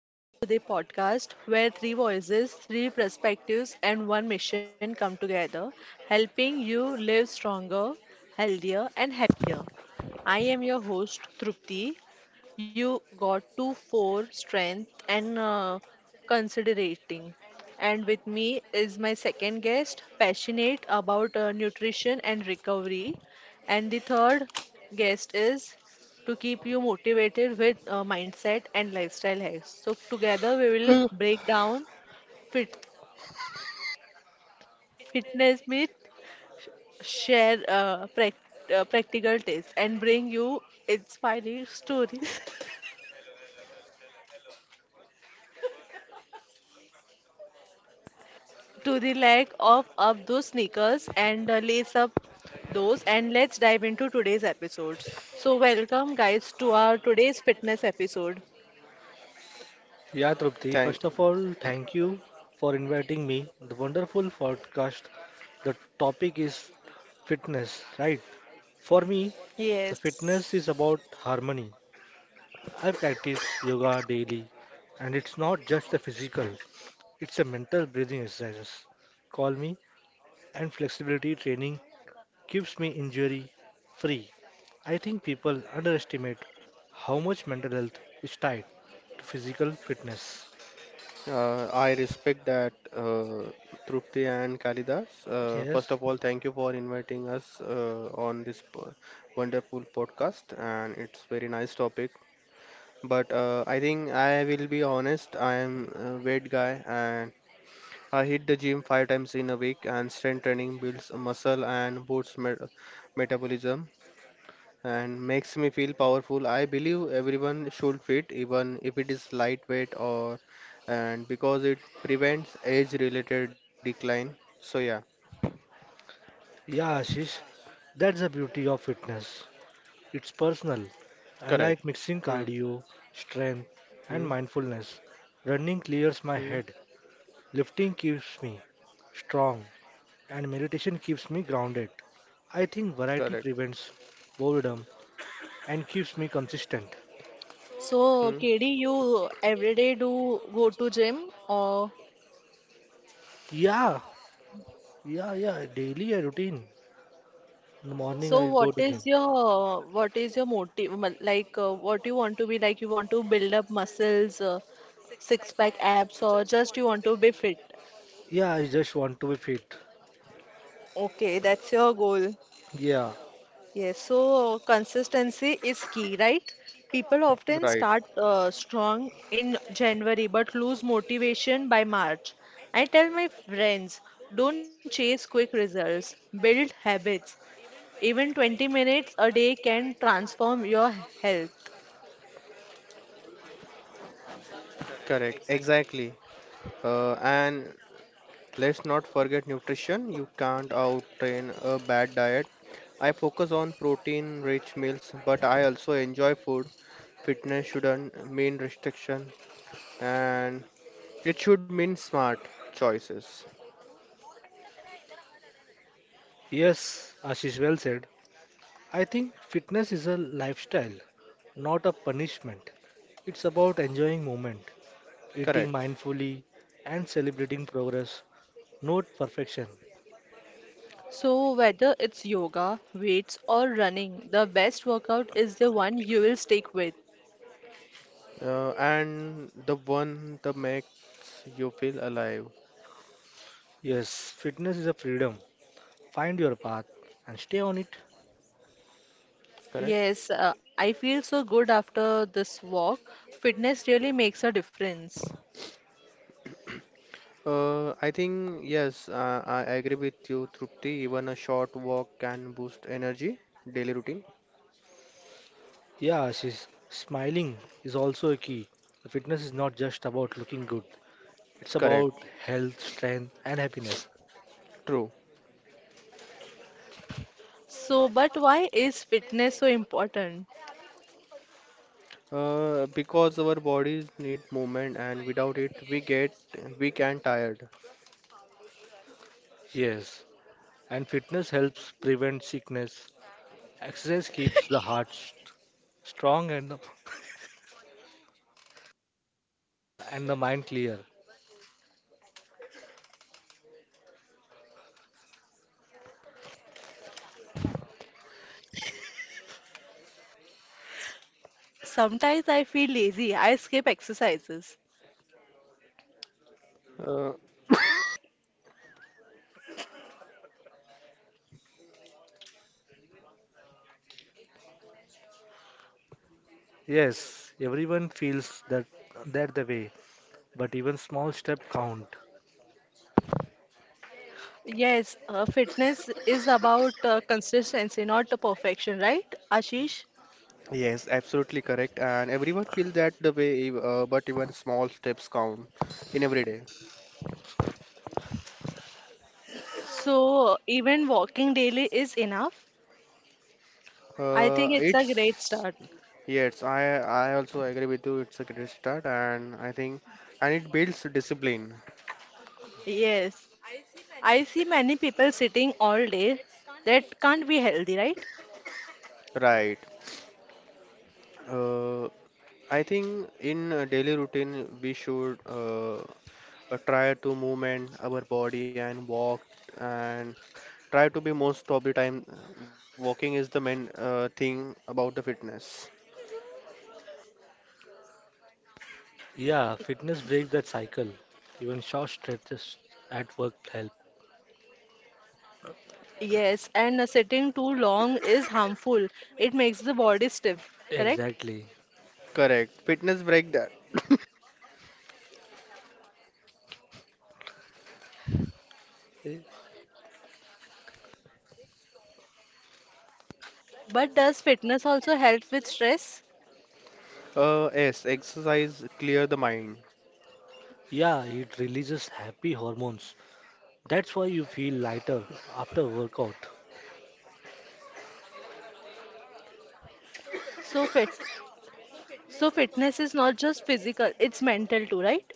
everyone, to the podcast where three voices, three perspectives, and one mission come together, helping you live stronger, healthier, and happier. I am your host, Trupti, you got to for strength and considerating, and with me is my second guest passionate about nutrition and recovery, and the third guest is to keep you motivated with mindset and lifestyle hacks. So together we will break down fit fitness myth, share practical tips and bring you inspiring stories. To the lack of up those sneakers and lace up those, and let's dive into today's episodes. So welcome guys to our today's fitness episode. Yeah, Trupti, first Thank, of all, thank you for inviting me. The wonderful podcast. The topic is fitness, right? For me, the Yes. fitness is about harmony. I practice yoga daily, and it's not just a physical, it's a mental breathing exercises. Call me and flexibility training keeps me injury free. I think people underestimate how much mental health is tied to physical fitness. I respect that, Trupti and Kalidas. First Yes. of all, thank you for inviting us on this wonderful podcast, and it's very nice topic. But I think I will be honest. I am a weight guy, and I hit the gym five times in a week. And strength training builds muscle and boosts metabolism. And makes me feel powerful. I believe everyone should fit, even if it is lightweight or and because it prevents age-related decline. So yeah, Yeah, Ashish, that's the beauty of fitness. It's personal. correct. I like Hmm. mixing cardio, strength, Hmm. and mindfulness. Running clears Hmm. my head, lifting keeps me strong, and meditation keeps me grounded. I think Correct. variety prevents boredom and keeps me consistent. Hmm. So KD, you every day do go to gym or Yeah, yeah, yeah. Daily a routine. In the morning so I go to gym. What is your like what you want to be, like you want to build up muscles, six pack abs, or just you want to be fit? Yeah, I just want to be fit. Okay, that's your goal. Yeah. Yes, so consistency is key, right? People often Right. start strong in January but lose motivation by March. I tell my friends, don't chase quick results, build habits. Even 20 minutes a day can transform your health. Correct. Exactly. And let's not forget nutrition. You can't out-train a bad diet. I focus on protein-rich meals, but I also enjoy food. Fitness shouldn't mean restriction. And it should mean smart choices. Yes, Ashish well said. I think fitness is a lifestyle, not a punishment. It's about enjoying moment eating Correct. mindfully, and celebrating progress, not perfection. So, whether it's yoga, weights, or running, the best workout is the one you will stick with. And the one that makes you feel alive. Yes, fitness is a freedom. Find your path and stay on it. Correct. Yes, I feel so good after this walk. Fitness really makes a difference. I think yes, I agree with you, Trupti. Even a short walk can boost energy. Daily routine. Yeah, Ashish, smiling is also a key. Fitness is not just about looking good, it's about Correct. health, strength, and happiness. True. So, but why is fitness so important? Because our bodies need movement, and without it, we get weak and tired. Yes, and fitness helps prevent sickness. Exercise keeps the heart strong and the, strong and the mind clear. Sometimes I feel lazy, I skip exercises. Uh, Yes, everyone feels that the way, but even small step count. Yes, fitness is about consistency, not perfection, right, Ashish? yes, absolutely correct. And everyone feels that the way, but even small steps count in every day. So, even walking daily is enough. I think it's a great It's start. Yes, I also agree with you. It's a great start, and I think and it builds discipline, Yes, I see many people sitting all day. That can't be healthy, right? right? Uh, I think in a daily routine we should, try to movement our body and walk, and try to be most of the time, walking is the main thing about the fitness. Yeah, fitness breaks that cycle. Even short stretches at work help. Yes, and sitting too long is harmful. It makes the body stiff, correct? Exactly. Correct. Fitness break that. Eh, But does fitness also help with stress? Yes, exercise clear the mind. Yeah, it releases happy hormones. That's why you feel lighter after workout. So fit so fitness is not just physical, it's mental too, right?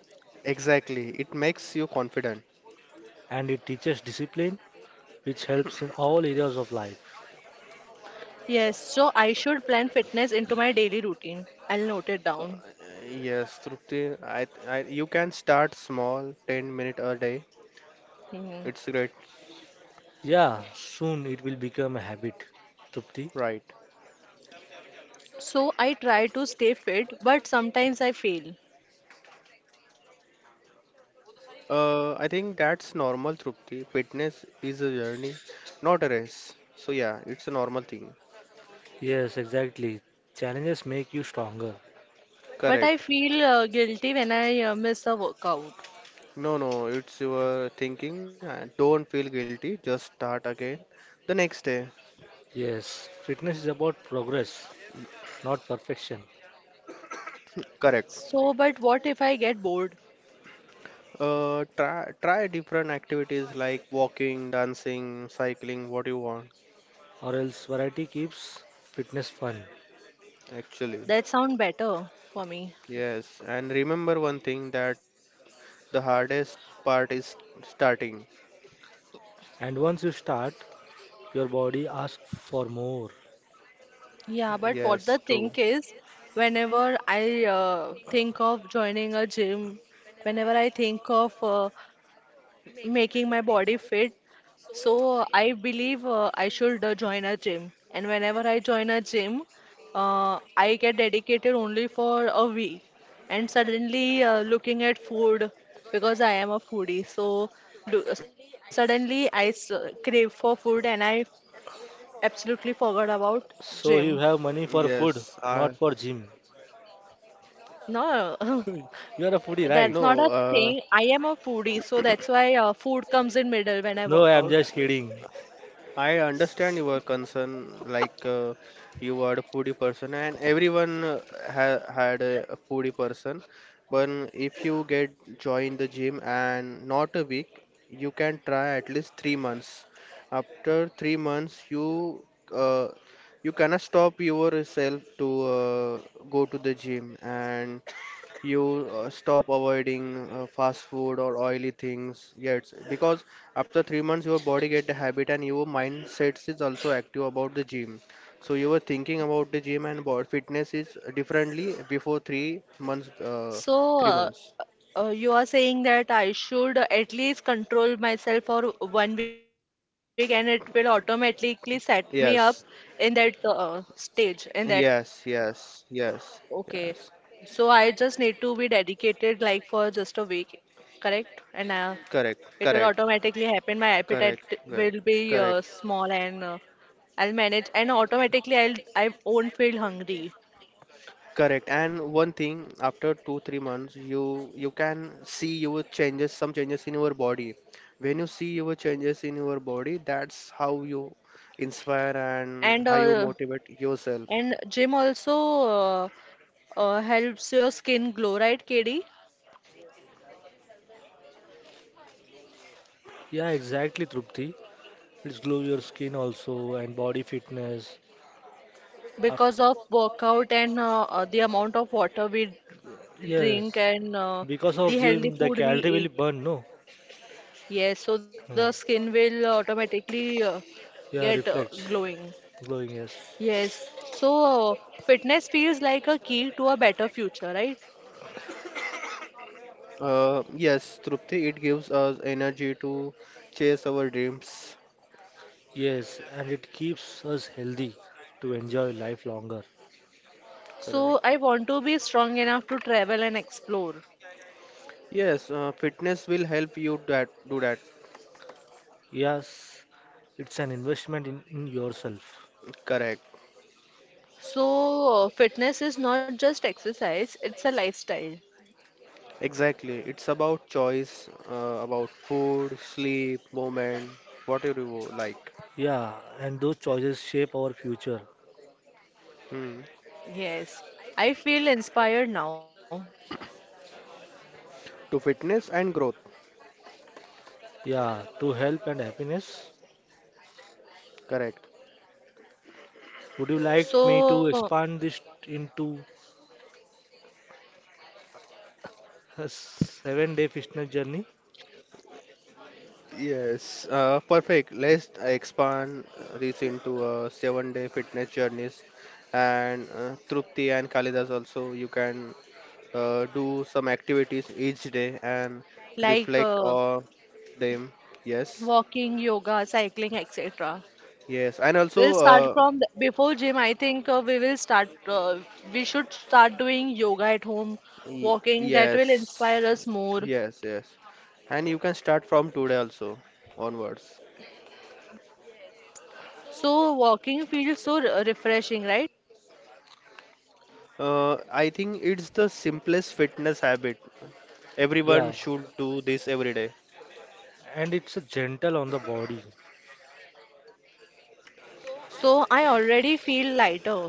Exactly. It makes you confident. And it teaches discipline, which helps in all areas of life. Yes, so I should plan fitness into my daily routine. I'll note it down. Yes, Trupti, you can start small, 10 minute a day. Hmm. It's great, Yeah, soon it will become a habit. Trupti? right? So I try to stay fit, but sometimes I fail. I think that's normal, Trupti. Fitness is a journey, not a race. So yeah, it's a normal thing. Yes, exactly. Challenges make you stronger. But I Correct. feel guilty when I miss a workout. No, no, it's your thinking. Don't feel guilty. Just start again the next day. Yes, fitness is about progress, not perfection. Correct. So, but what if I get bored? Try different activities like walking, dancing, cycling, what you want, Or else, variety keeps fitness fun. actually. That sound better for me. Yes, and remember one thing that the hardest part is starting. And once you start, your body asks for more. Yeah, but what the Yes, thing true. is, whenever I think of joining a gym, whenever I think of making my body fit, so I believe I should join a gym. And whenever I join a gym, I get dedicated only for a week. And suddenly, looking at food, because I am a foodie, so lo- suddenly I s crave for food and I absolutely forgot about So you gym. have money for Yes, food, I not for gym. No. You are a foodie, right? no, That's not a uh, thing. I am a foodie, so that's why food comes in middle when I No, work I am out. just kidding. I understand your concern. Like, you are a foodie person, and everyone ha had a foodie person. But if you get join the gym and not a week, you can try at least 3 months. After 3 months, uh, you cannot stop yourself to uh, go to the gym and you stop avoiding fast food or oily things. Yes, because after 3 months, your body get the habit and your mindset is also active about the gym. So you were thinking about the gym and about fitness is differently before 3 months. So three months. You are saying that I should at least control myself for 1 week, and it will automatically set me up Yes, in that stage. In that, yes, yes, yes, okay. yes. So I just need to be dedicated like for just a week, correct? And Correct, it correct, will automatically happen. My correct, appetite correct, will correct. be small and I'll manage and automatically I won't feel hungry. Correct. And one thing, after two, 3 months, you can see your changes, some changes in your body. When you see your changes in your body, that's how you inspire and And how you motivate yourself. Gym also helps your skin glow, right, KD? Yeah, exactly, Trupti. It's glow your skin also and body fitness. Af- Because of workout and the amount of water we drink yes, and because of the healthy gym, the food we calorie will eat. burn, no? Yes, so the Yeah, skin will automatically yeah get reflects glowing. glowing, yes. Yes, so fitness feels like a key to a better future, right? Yes, Trupti, it gives us energy to chase our dreams. Yes, and it keeps us healthy to enjoy life longer. Correct. So I want to be strong enough to travel and explore. Yes, fitness will help you that do that. Yes, it's an investment in yourself. Correct. So fitness is not just exercise, it's a lifestyle. Exactly. It's about choice, about food, sleep, movement, whatever you like. Yeah, and those choices shape our future. Hmm. Yes, I feel inspired now. To fitness and growth. Yeah, to health and happiness. Correct. Would you like me to So expand this into a 7-day fitness journey? Yes, perfect. Let's expand this into a 7 day fitness journeys, and Trupti and Kalidas also you can do some activities each day and like reflect on them. Yes, walking, yoga, cycling, etc. yes, and We'll also, start from the, before gym. I think we will start. We should start doing yoga at home, walking. That will inspire yes, us more. yes, yes. And you can start from today also onwards. So walking feels so refreshing, right? I think it's the simplest fitness habit. Everyone Yeah, should do this every day. and it's a gentle on the body. So I already feel lighter.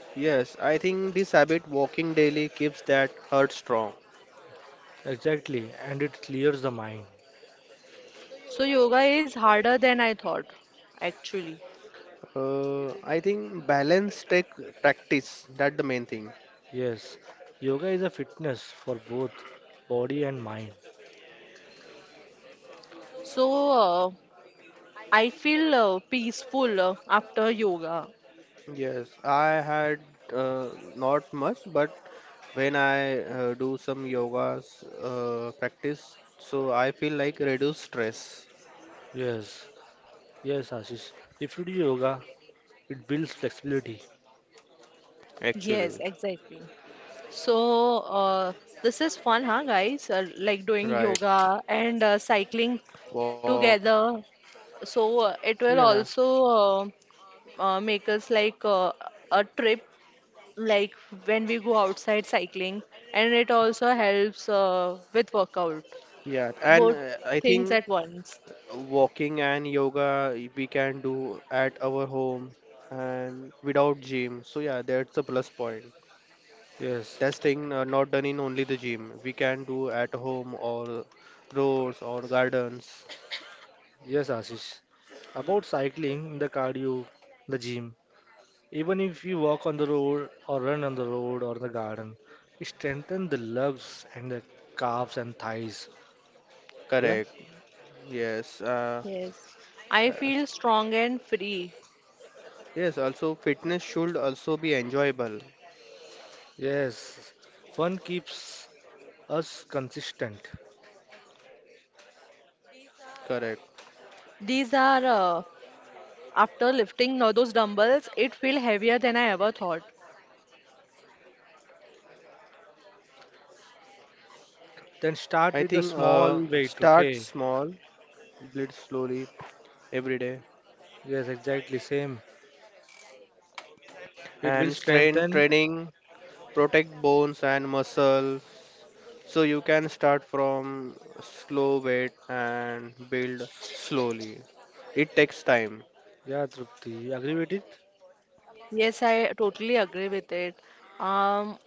Yes, I think this habit, walking daily, keeps that heart strong. Exactly, and it clears the mind. So yoga is harder than I thought, actually. Uh, I think balance take practice. That's the main thing. Yes, yoga is a fitness for both body and mind. So I feel peaceful after yoga. Yes, I had, uh, not much, but when I do some yoga's practice, so I feel like reduce stress. Yes, yes, Ashish. If you do yoga, it builds flexibility. Yes, Actually, exactly. So this is fun, huh, guys? Like doing right? yoga and cycling Walk. together. So it will Yeah, also make us like a trip, like when we go outside cycling, and it also helps with workout. yeah, and Both I things think at once. walking and yoga we can do at our home and without gym. So yeah, that's a plus point. Yes, That's thing, not done in only the gym. We can do at home or roads or gardens. yes, Ashish. About cycling, the cardio, the gym, even if you walk on the road or run on the road or the garden, it strengthens the legs and the calves and thighs. Yeah, Correct. Yes. Yes, I uh, feel strong and free. yes. Also, fitness should also be enjoyable. yes. Fun keeps us consistent. Correct. These are after lifting those dumbbells, it feel heavier than I ever thought. I Then think, start with the small start weight, okay? small, build slowly every day, Yes, exactly same. It will and strength strengthen. training protect bones and muscles. So you can start from slow weight and build slowly. It takes time. Yeah, Trupti, you agree with it? Yes, I totally agree with it. Um,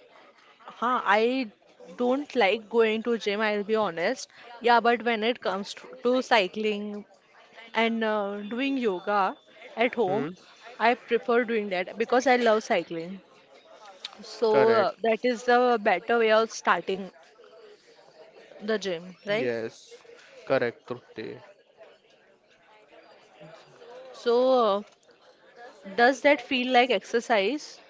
I don't like going to gym, I'll be honest. Yeah, but when it comes to, cycling, and doing yoga at home, Hmm? I prefer doing that because I love cycling. So Correct. that is the better way of starting the gym, right? Yes, correct, Trupti. So does that feel like exercise,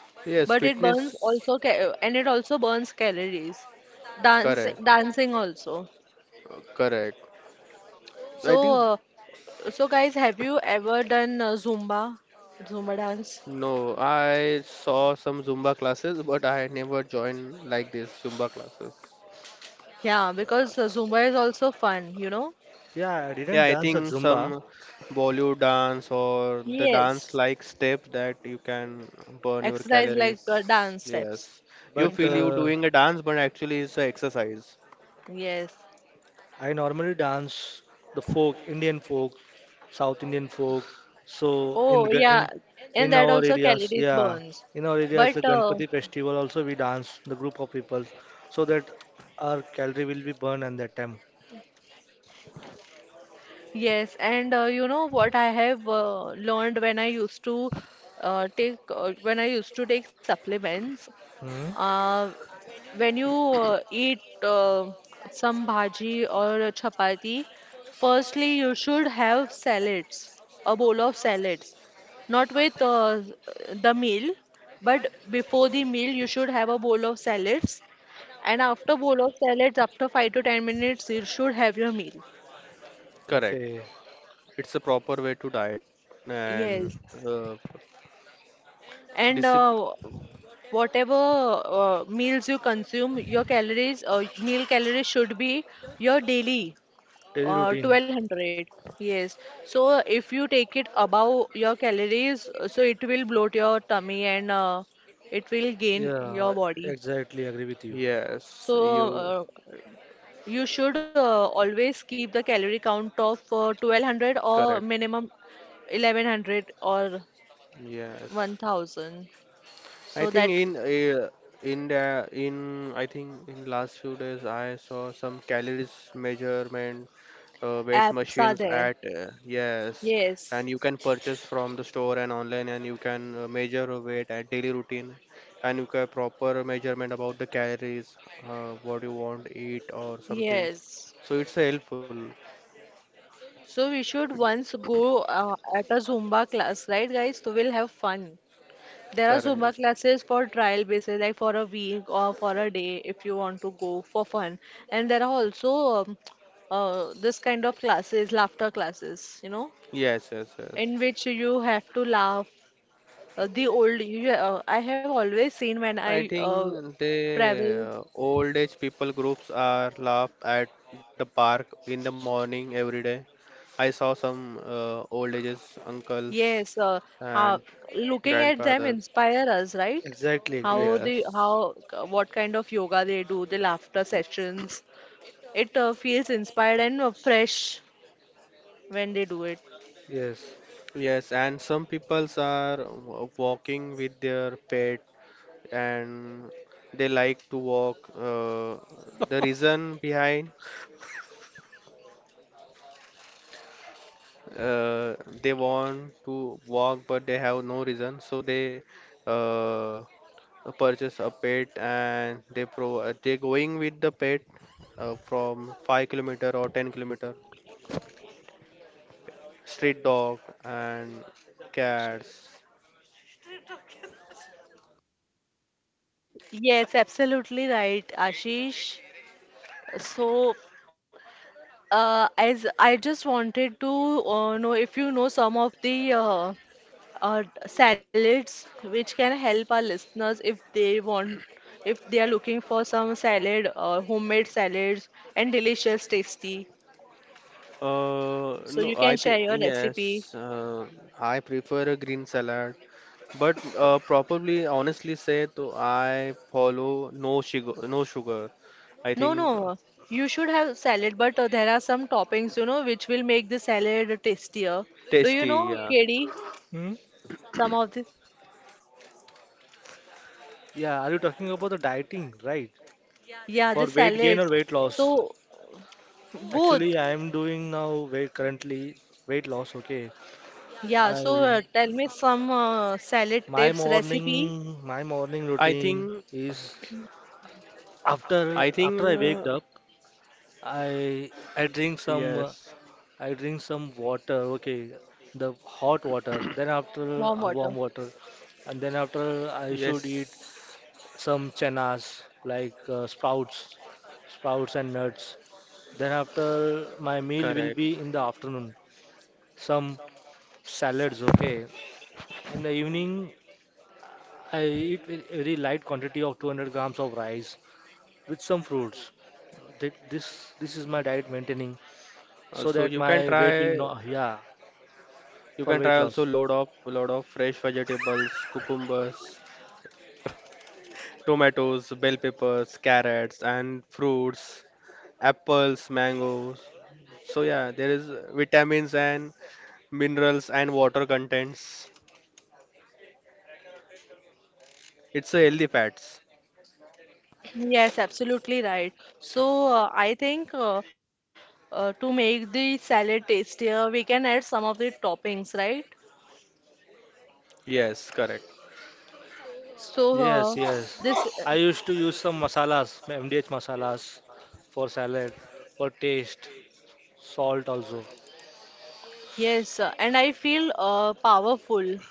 Yes, but it burns fitness, also and it also burns calories, dance correct, dancing also. Correct. I So think, uh, so guys, have you ever done zumba dance? no, I saw some Zumba classes, but I never joined like this Zumba classes. Yeah, because zumba is also fun, you know. Yeah, I Yeah, didn't I dance a think Zumba, some Bollywood dance or the dance Yes. like step that you can burn your Exercise like calories. dance steps Yes, you but into feel them. you doing a dance, but actually it's a exercise. Yes. I normally dance the folk, Indian folk, South Indian folk. So Oh, yeah. And in that our also areas, calories yeah, burns. in our areas, But the Ganpati festival also we dance the group of people, so that our calorie will be burned at that time. yes, and you know what I have learned when I used to take when I used to take supplements. Hmm? Uh, when you eat some bhaji or a chapati, firstly you should have salads, a bowl of salads. Not with the meal, but before the meal you should have a bowl of salads. And after bowl of salads, after 5 to 10 minutes, you should have your meal. Correct. Okay, It's a proper way to diet and Yes. And discipline. Whatever meals you consume, your calories, meal calories should be your daily. daily routine. 1200. Yes. So if you take it above your calories, so it will bloat your tummy and it will gain your Yeah, body. exactly. Agree with you. Yes, So you you should always keep the calorie count of 1200, correct. or minimum 1100 or Yes. 1000. I So think that in the in I think in last few days I saw some calories measurement, weight apps are machines there. at, yes, Yes. and you can purchase from the store and online, and you can measure your weight at daily routine, and you can proper measurement about the calories, what you want eat or something, Yes. so it's helpful. So we should once go at a Zumba class, right, guys? So we'll have fun. There are Correct. Zumba classes for trial basis, like for a week or for a day if you want to go for fun. And there are also this kind of classes, laughter classes, you know, Yes, yes, in yes. which you have to laugh. I have always seen when I I think travel, the old age people groups are laugh at the park in the morning every day. I saw some old ages uncles yes, and uh, looking at them grandfathers. inspire us, right? Exactly, How exactly. the Yes, how what kind of yoga they do, the laughter sessions. It feels inspired and fresh when they do it. Yes. yes, and some peoples are walking with their pet, and they like to walk. The reason behind, uh, they want to walk, but they have no reason, so they uh, purchase a pet and they going with the pet from 5 kilometers or 10 kilometers. Street dog and cats. Yes, absolutely right, Ashish. So, as I just wanted to know if you know some of the salads which can help our listeners if they want, if they are looking for some salad, homemade salads and delicious, tasty. So No, you I can share think your recipe. yes. I prefer a green salad, but probably honestly say, to I follow no sugar, no sugar. I No, think no, you should have salad, but there are some toppings, you know, which will make the salad tastier. Do you tasty. know, Yeah, Katie? Hmm? Some of the, Yeah, are you talking about the dieting, right? yeah, the For weight gain salads. or weight loss? So both, Actually, I am doing now weight currently weight loss, okay. yeah. So I tell me some salad tips, recipe, my morning I routine think is after I after think I waked up, I I drink some yes, uh, I drink some water, okay, the hot water. Then after warm water. warm water, and then after I should eat yes, some chenas like sprouts sprouts and nuts. Then after my meal correct. will be in the afternoon, some salads, okay. In the evening, I eat very light quantity of 200 grams of rice with some fruits. Th- This this is my diet maintaining so Also, that you can my weight will try not, yeah, you for can try weight also loss. load of fresh vegetables, cucumbers, tomatoes, bell peppers, carrots, and fruits, apples, mangoes. So yeah, there is vitamins and minerals and water contents. It's a healthy fats. Yes, absolutely right. So I think to make the salad tastier, we can add some of the toppings, right? Yes, correct. So Yes, this, yes. uh, I used to use some masalas, MDH masalas for salad, for taste, salt also. yes, and I feel powerful.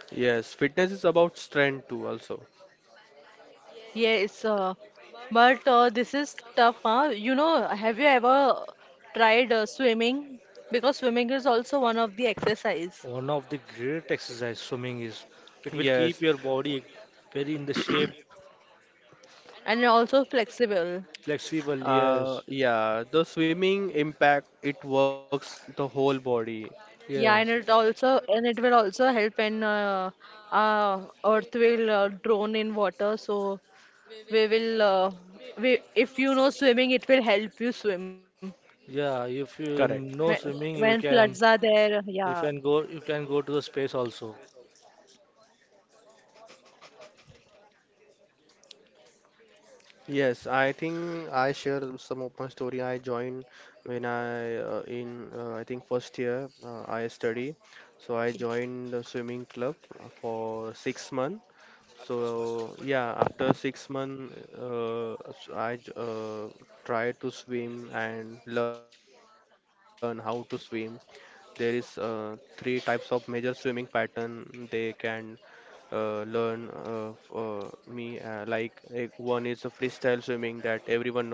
Yes, fitness is about strength too also. Yes, but this is tough, huh? You know, have you ever tried swimming? Because swimming is also one of the exercise One of the great exercise swimming is it will keep Yes. your body very in the shape, and also flexible. flexible. Yes, Yeah, the swimming impact it works the whole body. Yeah, and it yes, will also help in earth will drone in water. So we will we if you know swimming, it will help you swim yeah. If Correct. you when, know when swimming, you floods are can there. Yeah. you can go you can go to the space also. Yes, I think I share some of my story. I joined when I, in, I think first year, I study, so I joined the swimming club for 6 months. So yeah, after 6 months, tried to swim and learn how to swim. There is three types of major swimming pattern they can learn, one is a freestyle swimming that everyone knows,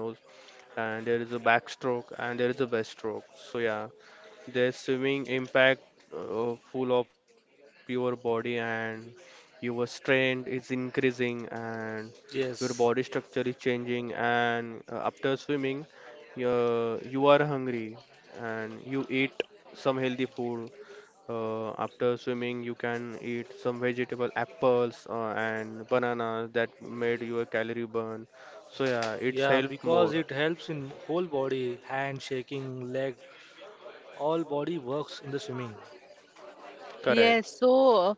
and there is a backstroke and there is a breaststroke. So yeah, the swimming impact, full of your body, and your strength is increasing, and your body Yes, structure is changing, and after swimming you are hungry and you eat some healthy food. After swimming, you can eat some vegetable apples and bananas that made your calorie burn. So yeah, it's yeah, help more. because it helps in whole body, hand shaking, leg, all body works in the swimming. Correct. Yes, so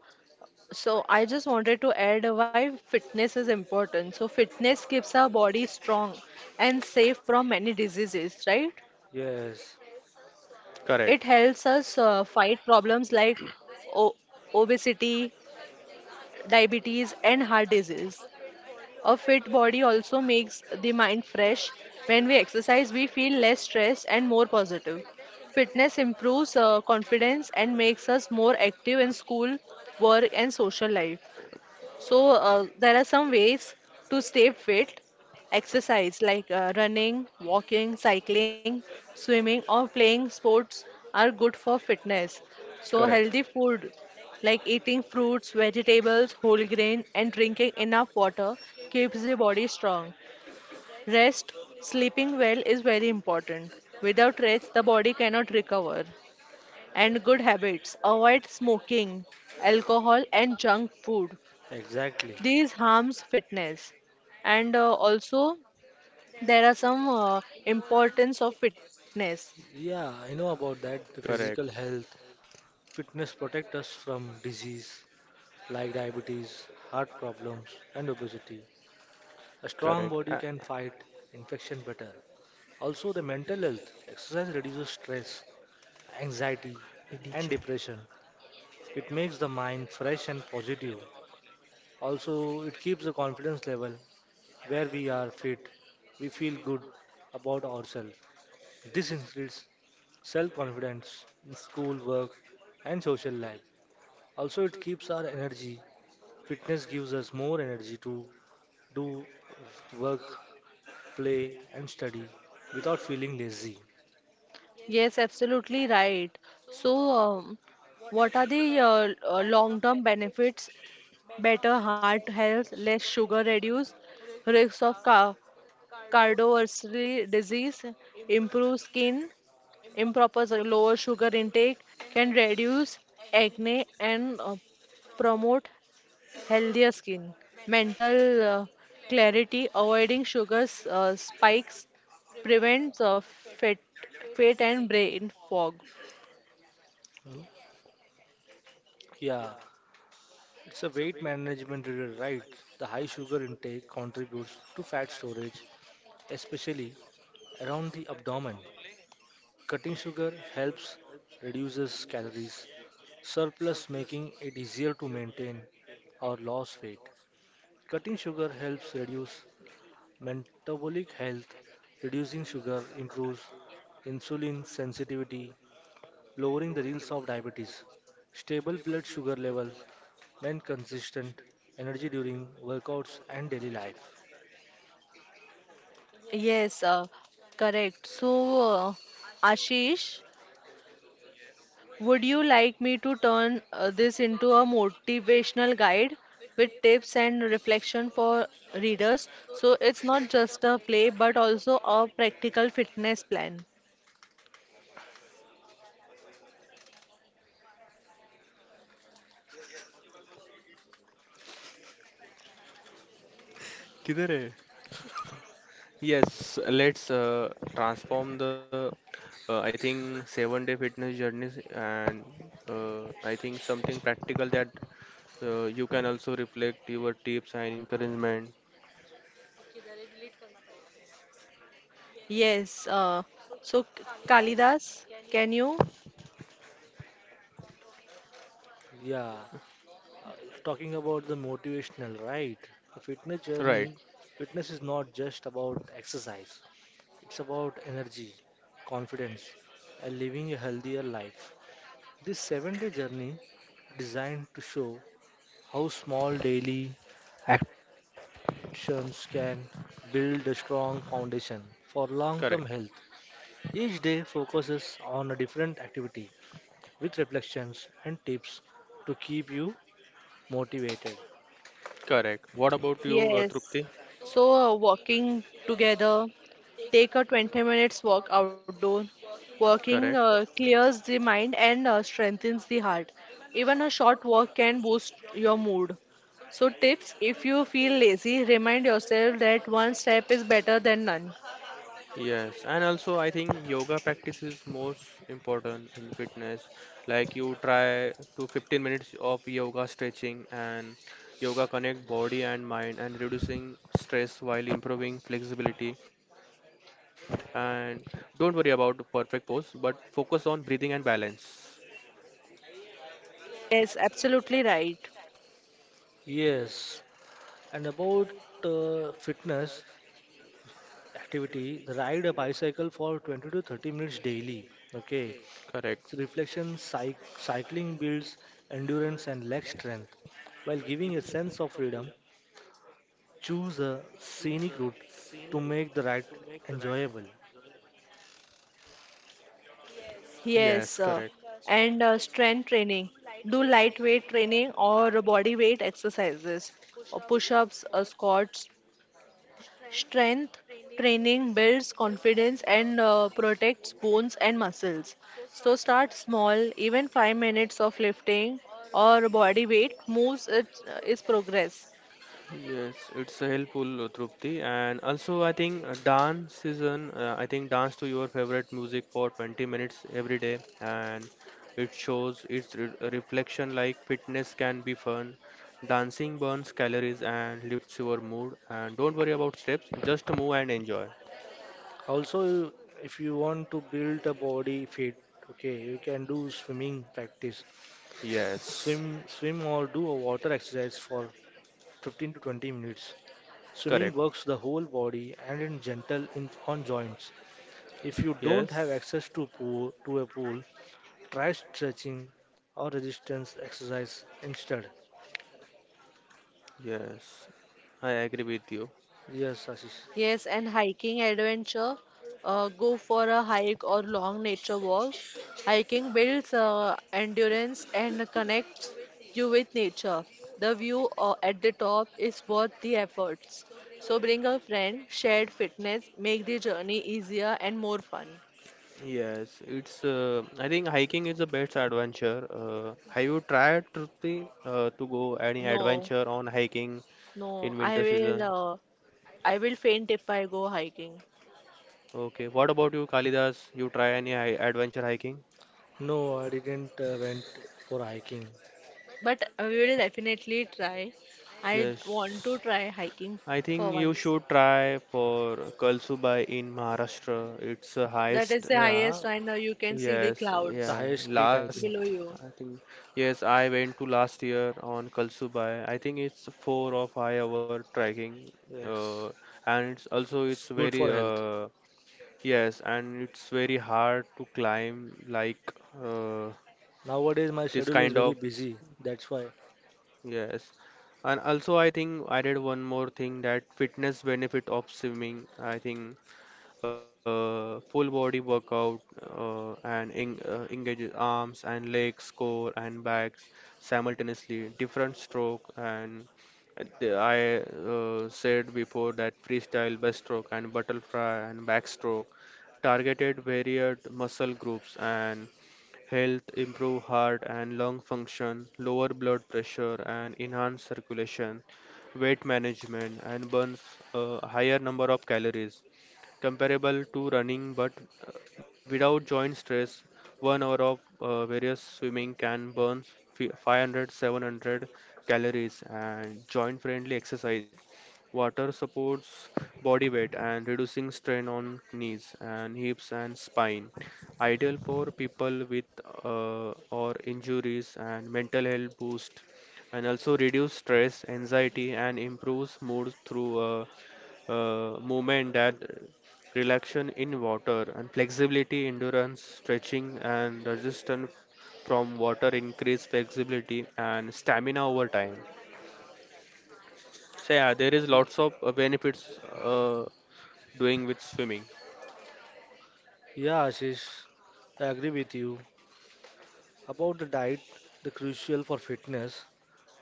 so I just wanted to add why fitness is important. So fitness keeps our body strong and safe from many diseases, right? Yes, Correct. It helps us fight problems like o obesity, diabetes, and heart disease. A fit body also makes the mind fresh. When we exercise, we feel less stressed and more positive. Fitness improves confidence and makes us more active in school, work, and social life. So, there are some ways to stay fit. Exercise like running, walking, cycling, swimming, or playing sports are good for fitness. So, Correct. healthy food like eating fruits, vegetables, whole grain, and drinking enough water keeps the body strong. Rest, sleeping well is very important. Without rest, the body cannot recover. And good habits, avoid smoking, alcohol, and junk food. exactly. These harms fitness, and also there are some importance of fitness. Yeah, I know about that. The Correct. physical health, fitness protect us from disease, like diabetes, heart problems, and obesity. A strong Correct. body can fight infection better. Also, the mental health exercise reduces stress, anxiety, and depression. It makes the mind fresh and positive. Also, it keeps the confidence level where we are fit, we feel good about ourselves. This increases self confidence in school, work, and social life. Also, it keeps our energy. Fitness gives us more energy to do work play, and study without feeling lazy. Yes, absolutely right. So, what are the long-term benefits? Better heart health, less sugar reduce, risks of ca cardiovascular disease, improve skin, lower sugar intake can reduce acne and promote healthier skin, mental clarity, avoiding sugars spikes, prevents fat, fat and brain fog. Hmm? Yeah, it's a weight management riddle, right? The high sugar intake contributes to fat storage, especially around the abdomen. Cutting sugar helps reduces calories surplus, making it easier to maintain or lose weight. Cutting sugar helps reduce metabolic health. Reducing sugar improves insulin sensitivity lowering the risk of diabetes. Stable blood sugar level, maintain consistent energy during workouts and daily life. Yes, correct. So, Ashish, would you like me to turn this into a motivational guide with tips and reflection for readers? So it's not just a play, but also a practical fitness plan. किधर है। Yes, let's, transform the, I think 7 day fitness journeys, and I think something practical that you can also reflect your tips and encouragement. Yes. Uh, so K- Kalidas, can you? Yeah, talking about the motivational, right? The fitness Right. journey, fitness is not just about exercise. It's about energy, confidence, and living a healthier life. This seven-day journey designed to show how small daily actions can build a strong foundation for long-term Correct. health. Each day focuses on a different activity with reflections and tips to keep you motivated. Correct. What about you, Yes. Trupti? Walking together, take a 20 minutes walk outdoor. Correct. Walking clears the mind and strengthens the heart. Even a short walk can boost your mood. So, tips if you feel lazy, remind yourself that one step is better than none. Yes, and also I think yoga practice is most important in fitness. Like you try to 15 minutes of yoga stretching, and yoga connect body and mind and reducing stress while improving flexibility. And don't worry about the perfect pose, but focus on breathing and balance. Yes, absolutely right. Yes, and about fitness activity, ride a bicycle for 20 to 30 minutes daily. Okay, Correct. so reflection cycling builds endurance and leg strength while giving a sense of freedom. Choose a scenic route to make the ride enjoyable. Yes, correct. Yes, and Strength training. Do lightweight training or body weight exercises, or push-ups, squats. Strength training builds confidence and protects bones and muscles. So start small, even 5 minutes of lifting or body weight moves, is progress. Yes, it's a helpful, Trupti. And also, I think, I think dance to your favorite music for 20 minutes every day, and it shows its re reflection, like fitness can be fun. Dancing burns calories and lifts your mood. And don't worry about steps, just move and enjoy. Also, if you want to build a body fit, okay, you can do swimming practice. Yes, Swim, swim or do a water exercise for 15 to 20 minutes. Swimming correct. works the whole body and in gentle on joints. If you don't have Yes, access to a pool, try stretching or resistance exercise instead. yes, I agree with you. Yes, Ashish. Yes, and hiking adventure. Go for a hike or long nature walk. Hiking builds endurance and connects you with nature. The view at the top is worth the efforts. So bring a friend, shared fitness, make the journey easier and more fun. Yes, it's. I think hiking is the best adventure. Have you tried, Trupti, to go any No, adventure on hiking no, in I winter will season? uh, I will faint if I go hiking. Okay. What about you, Kalidas? You try any adventure hiking? No, I didn't went for hiking. But we will definitely try. I want to Yes. try hiking I for think you once. should try for Kalsubai in Maharashtra. It's the That is highest. the Yeah, highest, and you can see the Yes, the clouds yeah. highest peak I Last below think. you. I think yes, I went to last year on Kalsubai. I think it's 4 or 5 hour trekking, uh, Yes. and it's also it's Good very, for health. Yes, and it's very hard to climb, like, uh, Nowadays, my schedule this is kind very of busy. That's why. yes. And also, I think I did one more thing that fitness benefit of swimming. I think full body workout engages arms and legs, core and backs simultaneously, different stroke and the- I said before that freestyle, breaststroke and butterfly and backstroke targeted varied muscle groups and health, improve heart and lung function, lower blood pressure and enhance circulation, weight management and burns a higher number of calories comparable to running but uh, without joint stress. 1 hour of various swimming can burn 500 700 calories and joint friendly exercise. Water supports body weight and reducing strain on knees and hips and spine, ideal for people with or injuries and mental health boost, and also reduce stress anxiety and improves mood through movement that relaxation in water and flexibility endurance stretching and resistance from water increase flexibility and stamina over time. So yeah, there is Y- lots of benefits doing with swimming. Yeah, Ashish, I agree with you about the diet. The crucial for fitness.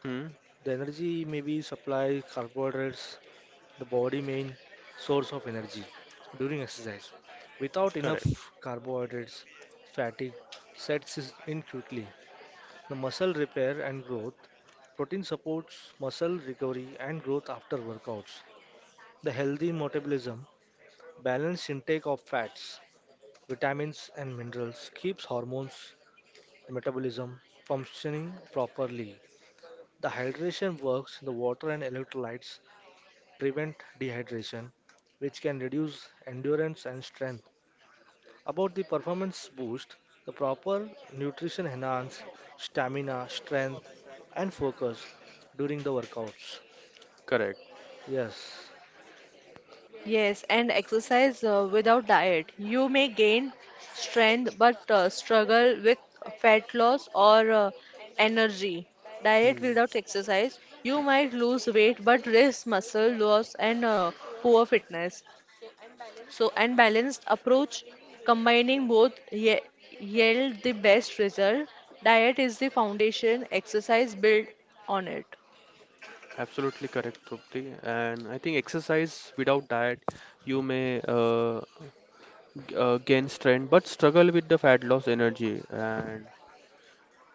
Hmm. The energy may be supply carbohydrates. The body main source of energy during exercise. Without enough Correct. carbohydrates, fatigue sets in quickly. The muscle repair and growth. Protein supports muscle recovery and growth after workouts. The healthy metabolism balanced intake of fats, vitamins, and minerals keeps hormones and metabolism functioning properly. The hydration works in the water and electrolytes prevent dehydration, which can reduce endurance and strength. About the performance boost, the proper nutrition enhance stamina, strength, and focus during the workouts. Correct. Yes, Yes, and exercise without diet. You may gain strength but struggle with fat loss or energy. Diet Hmm. without exercise, you might lose weight but risk muscle loss and poor fitness. So, and balanced approach combining both ye yield the best result. Diet is the foundation, exercise build on it. Absolutely correct, Trupti. And I think exercise without diet, you may gain strength but struggle with the fat loss energy. And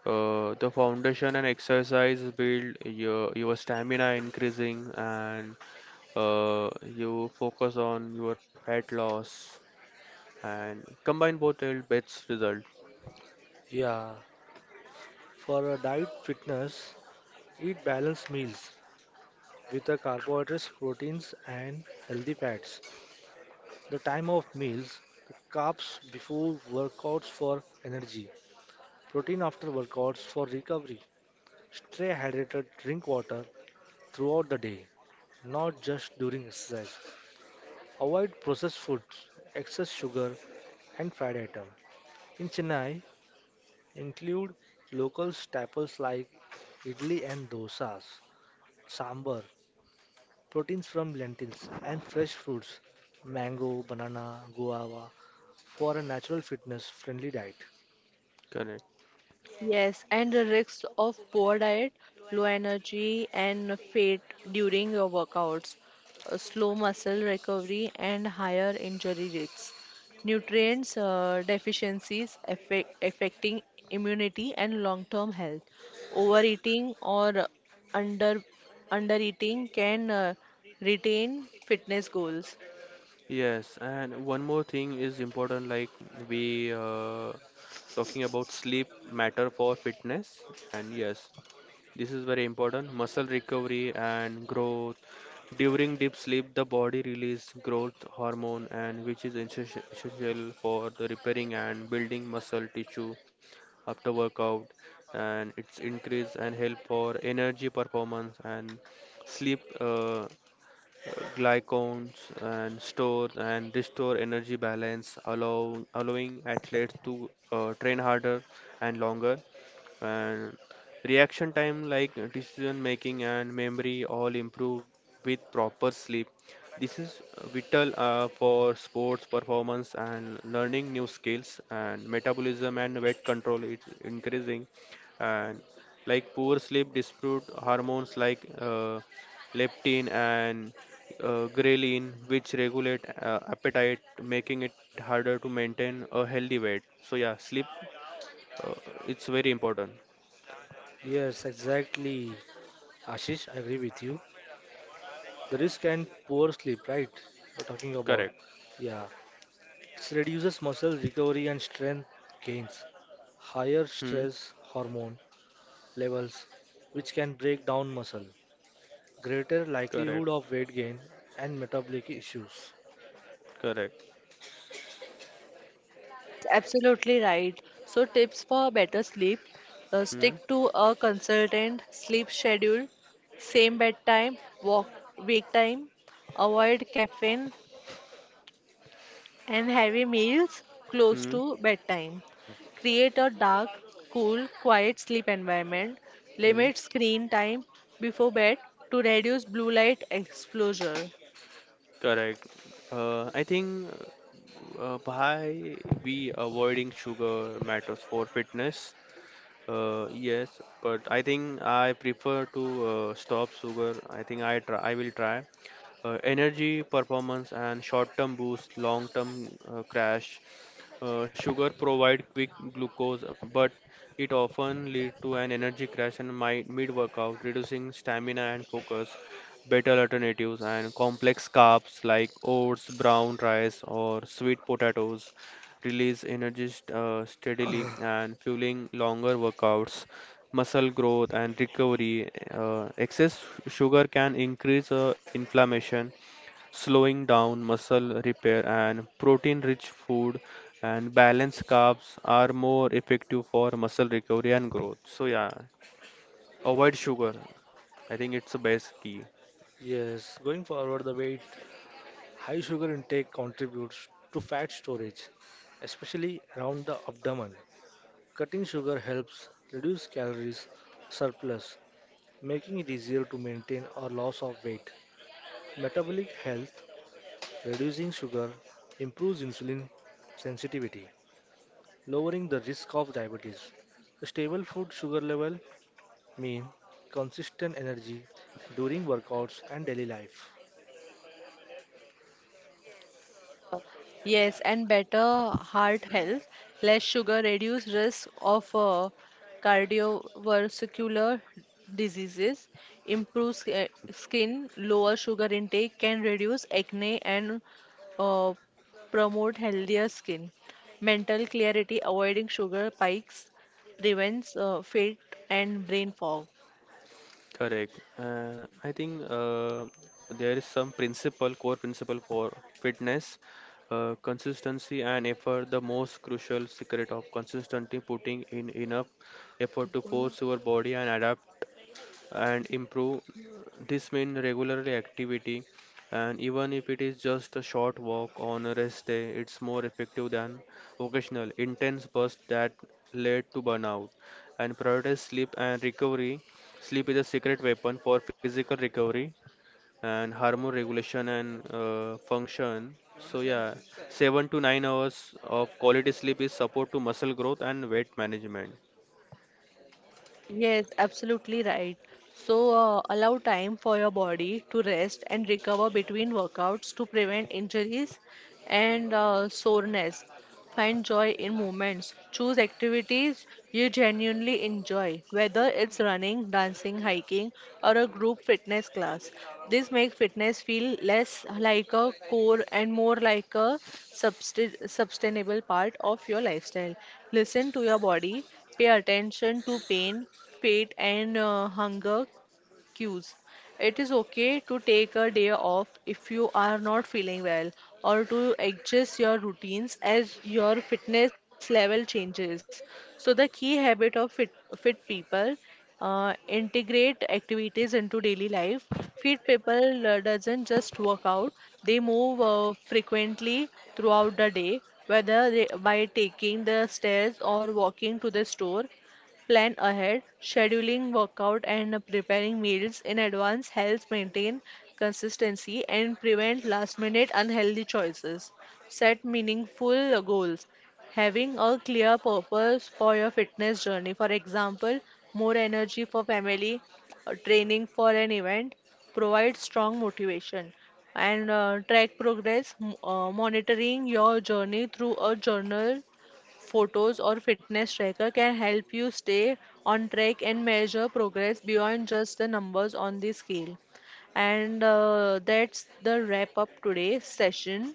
the foundation and exercise build your stamina increasing, and you focus on your fat loss and combine both will best result. yeah. For a diet fitness, eat balanced meals with the carbohydrates, proteins, and healthy fats. The time of meals, carbs before workouts for energy, protein after workouts for recovery. Stay hydrated, drink water throughout the day, not just during exercise. Avoid processed foods, excess sugar, and fried items. In Chennai, include local staples like idli and dosas, sambar, proteins from lentils, and fresh fruits mango, banana, guava, for a natural fitness friendly diet. Correct. Yes, and the risks of poor diet, low energy, and fat during your workouts, slow muscle recovery, and higher injury risks. Nutrients deficiencies affecting immunity and long-term health. Overeating or under undereating can retain fitness goals. Yes, and one more thing is important, like we talking about sleep matter for fitness, and yes, this is very important. Muscle recovery and growth. During deep sleep, the body release growth hormone, and which is essential for the repairing and building muscle tissue after workout, and it's increase and help for energy performance and sleep. Glycons and store and restore energy balance, allowing athletes to train harder and longer. And reaction time, like decision making and memory, all improve with proper sleep. This is vital for sports performance and learning new skills and metabolism and weight control is increasing and like poor sleep dispute hormones like leptin and ghrelin, which regulate appetite, making it harder to maintain a healthy weight. So yeah, uh, it's very important. Yes, exactly. Ashish, I agree with you. The risk and poor sleep, right? We're talking about. Correct. Yeah, it reduces muscle recovery and strength gains. Higher Hmm. stress hormone levels, which can break down muscle. Greater Correct. likelihood of weight gain and metabolic issues. Correct. Absolutely right. So, tips for better sleep Hmm. stick to a consistent sleep schedule, same bedtime, walk, wake time, avoid caffeine and heavy meals close Hmm. to bedtime. Create a dark, cool, quiet sleep environment. Hmm. Limit screen time before bed to reduce blue light exposure. Correct. I think why we avoiding sugar matters for fitness. Yes, but I think I prefer to stop sugar. I will try. Energy performance and short-term boost, long-term crash. Sugar provide quick glucose, but it often lead to an energy crash and my mid-workout, reducing stamina and focus. Better alternatives and complex carbs like oats, brown rice, or sweet potatoes release energy steadily and fueling longer workouts, muscle growth, and recovery. Excess sugar can increase inflammation, slowing down muscle repair, and protein rich food and balanced carbs are more effective for muscle recovery and growth. So, yeah, avoid sugar. I think it's the best key. Yes, going forward, the weight, high sugar intake contributes to fat storage, especially around the abdomen. Cutting sugar helps reduce calories surplus, making it easier to maintain or loss of weight. Metabolic health, reducing sugar improves insulin sensitivity, lowering the risk of diabetes. A stable food sugar level mean consistent energy during workouts and daily life. Yes, and better heart health, less sugar, reduce risk of cardiovascular diseases, improves skin, lower sugar intake can reduce acne and uh, promote healthier skin. Mental clarity, avoiding sugar spikes prevents fat and brain fog. Correct. I think there is some principle, core principle for fitness. Consistency and effort, the most crucial secret of consistently putting in enough तू effort to बोल ना। force your body and adapt and improve. This means regularly activity, and even if it is just a short walk on a rest day, it's more effective than occasional intense bursts that lead to burnout. And prioritize sleep and recovery. Sleep is a secret weapon for physical recovery and hormone regulation and function. So yeah, 7 to 9 hours of quality sleep is support to muscle growth and weight management. Yes, absolutely right. So, allow time for your body to rest and recover between workouts to prevent injuries and soreness. Find joy in movements. Choose activities you genuinely enjoy, whether it's running, dancing, hiking, or a group fitness class. This makes fitness feel less like a chore and more like a sustainable part of your lifestyle. Listen to your body. Pay attention to pain, fate, and hunger cues. It is okay to take a day off if you are not feeling well or to adjust your routines as your fitness level changes. So, the key habit of fit people integrate activities into daily life. Fit people doesn't just work out; they move frequently throughout the day, whether they, by taking the stairs or walking to the store. Plan ahead, scheduling workout and preparing meals in advance helps maintain consistency and prevent last minute unhealthy choices. Set meaningful goals. Having a clear purpose for your fitness journey, for example, more energy for family, training for an event, provides strong motivation and track progress, monitoring your journey through a journal photos, or fitness tracker can help you stay on track and measure progress beyond just the numbers on the scale. And That's the wrap up today's session.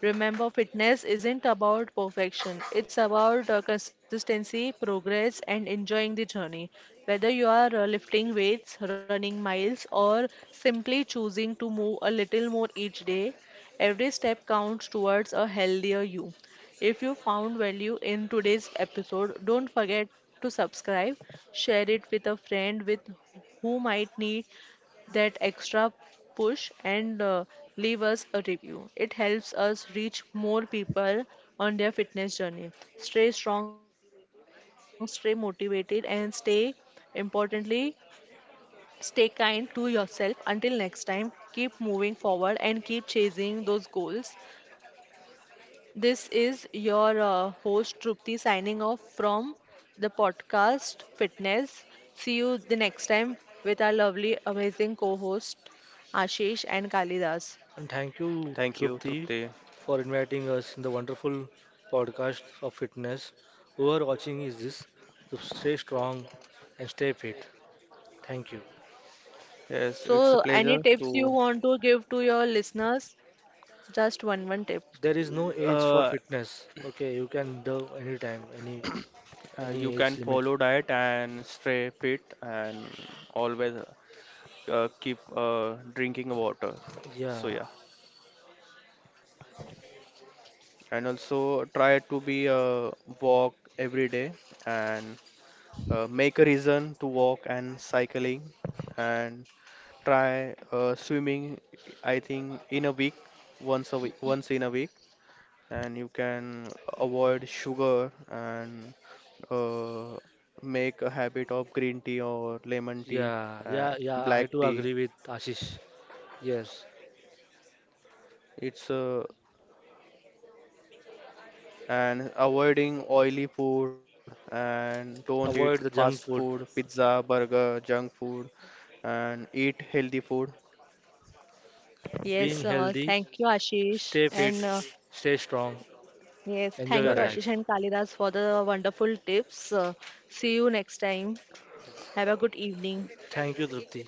Remember, fitness isn't about perfection, it's about consistency, progress, and enjoying the journey. Whether you are lifting weights, running miles, or simply choosing to move a little more each day, every step counts towards a healthier you. If you found value in today's episode, don't forget to subscribe, share it with a friend with who might need that extra push and leave us a review. It helps us reach more people on their fitness journey. Stay strong, stay motivated and stay importantly stay kind to yourself until next time, keep moving forward and keep chasing those goals. This is your host Trupti signing off from the podcast Fitness. See you the next time with our lovely, amazing co host Ashish and Kalidas. And thank Thank you, you, Trupti, Trupti. for inviting us in the wonderful podcast of fitness. Whoever watching is this, to stay strong and stay fit. Thank you. Yes, it's a So, any pleasure tips you to want to give to your listeners? Just one tip. There is no age for uh, fitness. Okay, you can do anytime, any you can age limit. follow diet and stay fit and always keep drinking water, Yeah, so yeah, and also try to be walk every day and make a reason to walk and cycling and try swimming. I think in a week, once a week, once in a week, and you can avoid sugar and uh, make a habit of green tea or lemon tea yeah, and yeah, yeah. I black do tea. agree with Ashish. Yes, It's And avoiding oily food, and don't eat avoid fast the junk food, food. pizza, burger, junk food, and eat healthy food. Yes, Yeah, Being healthy, thank you, Ashish. stay And fit, uh, stay strong, yes, enjoy thank you, your Ashish correct. life. and Kalidas, for the wonderful tips. See you next time. Have a good evening. Thank you, Trupti.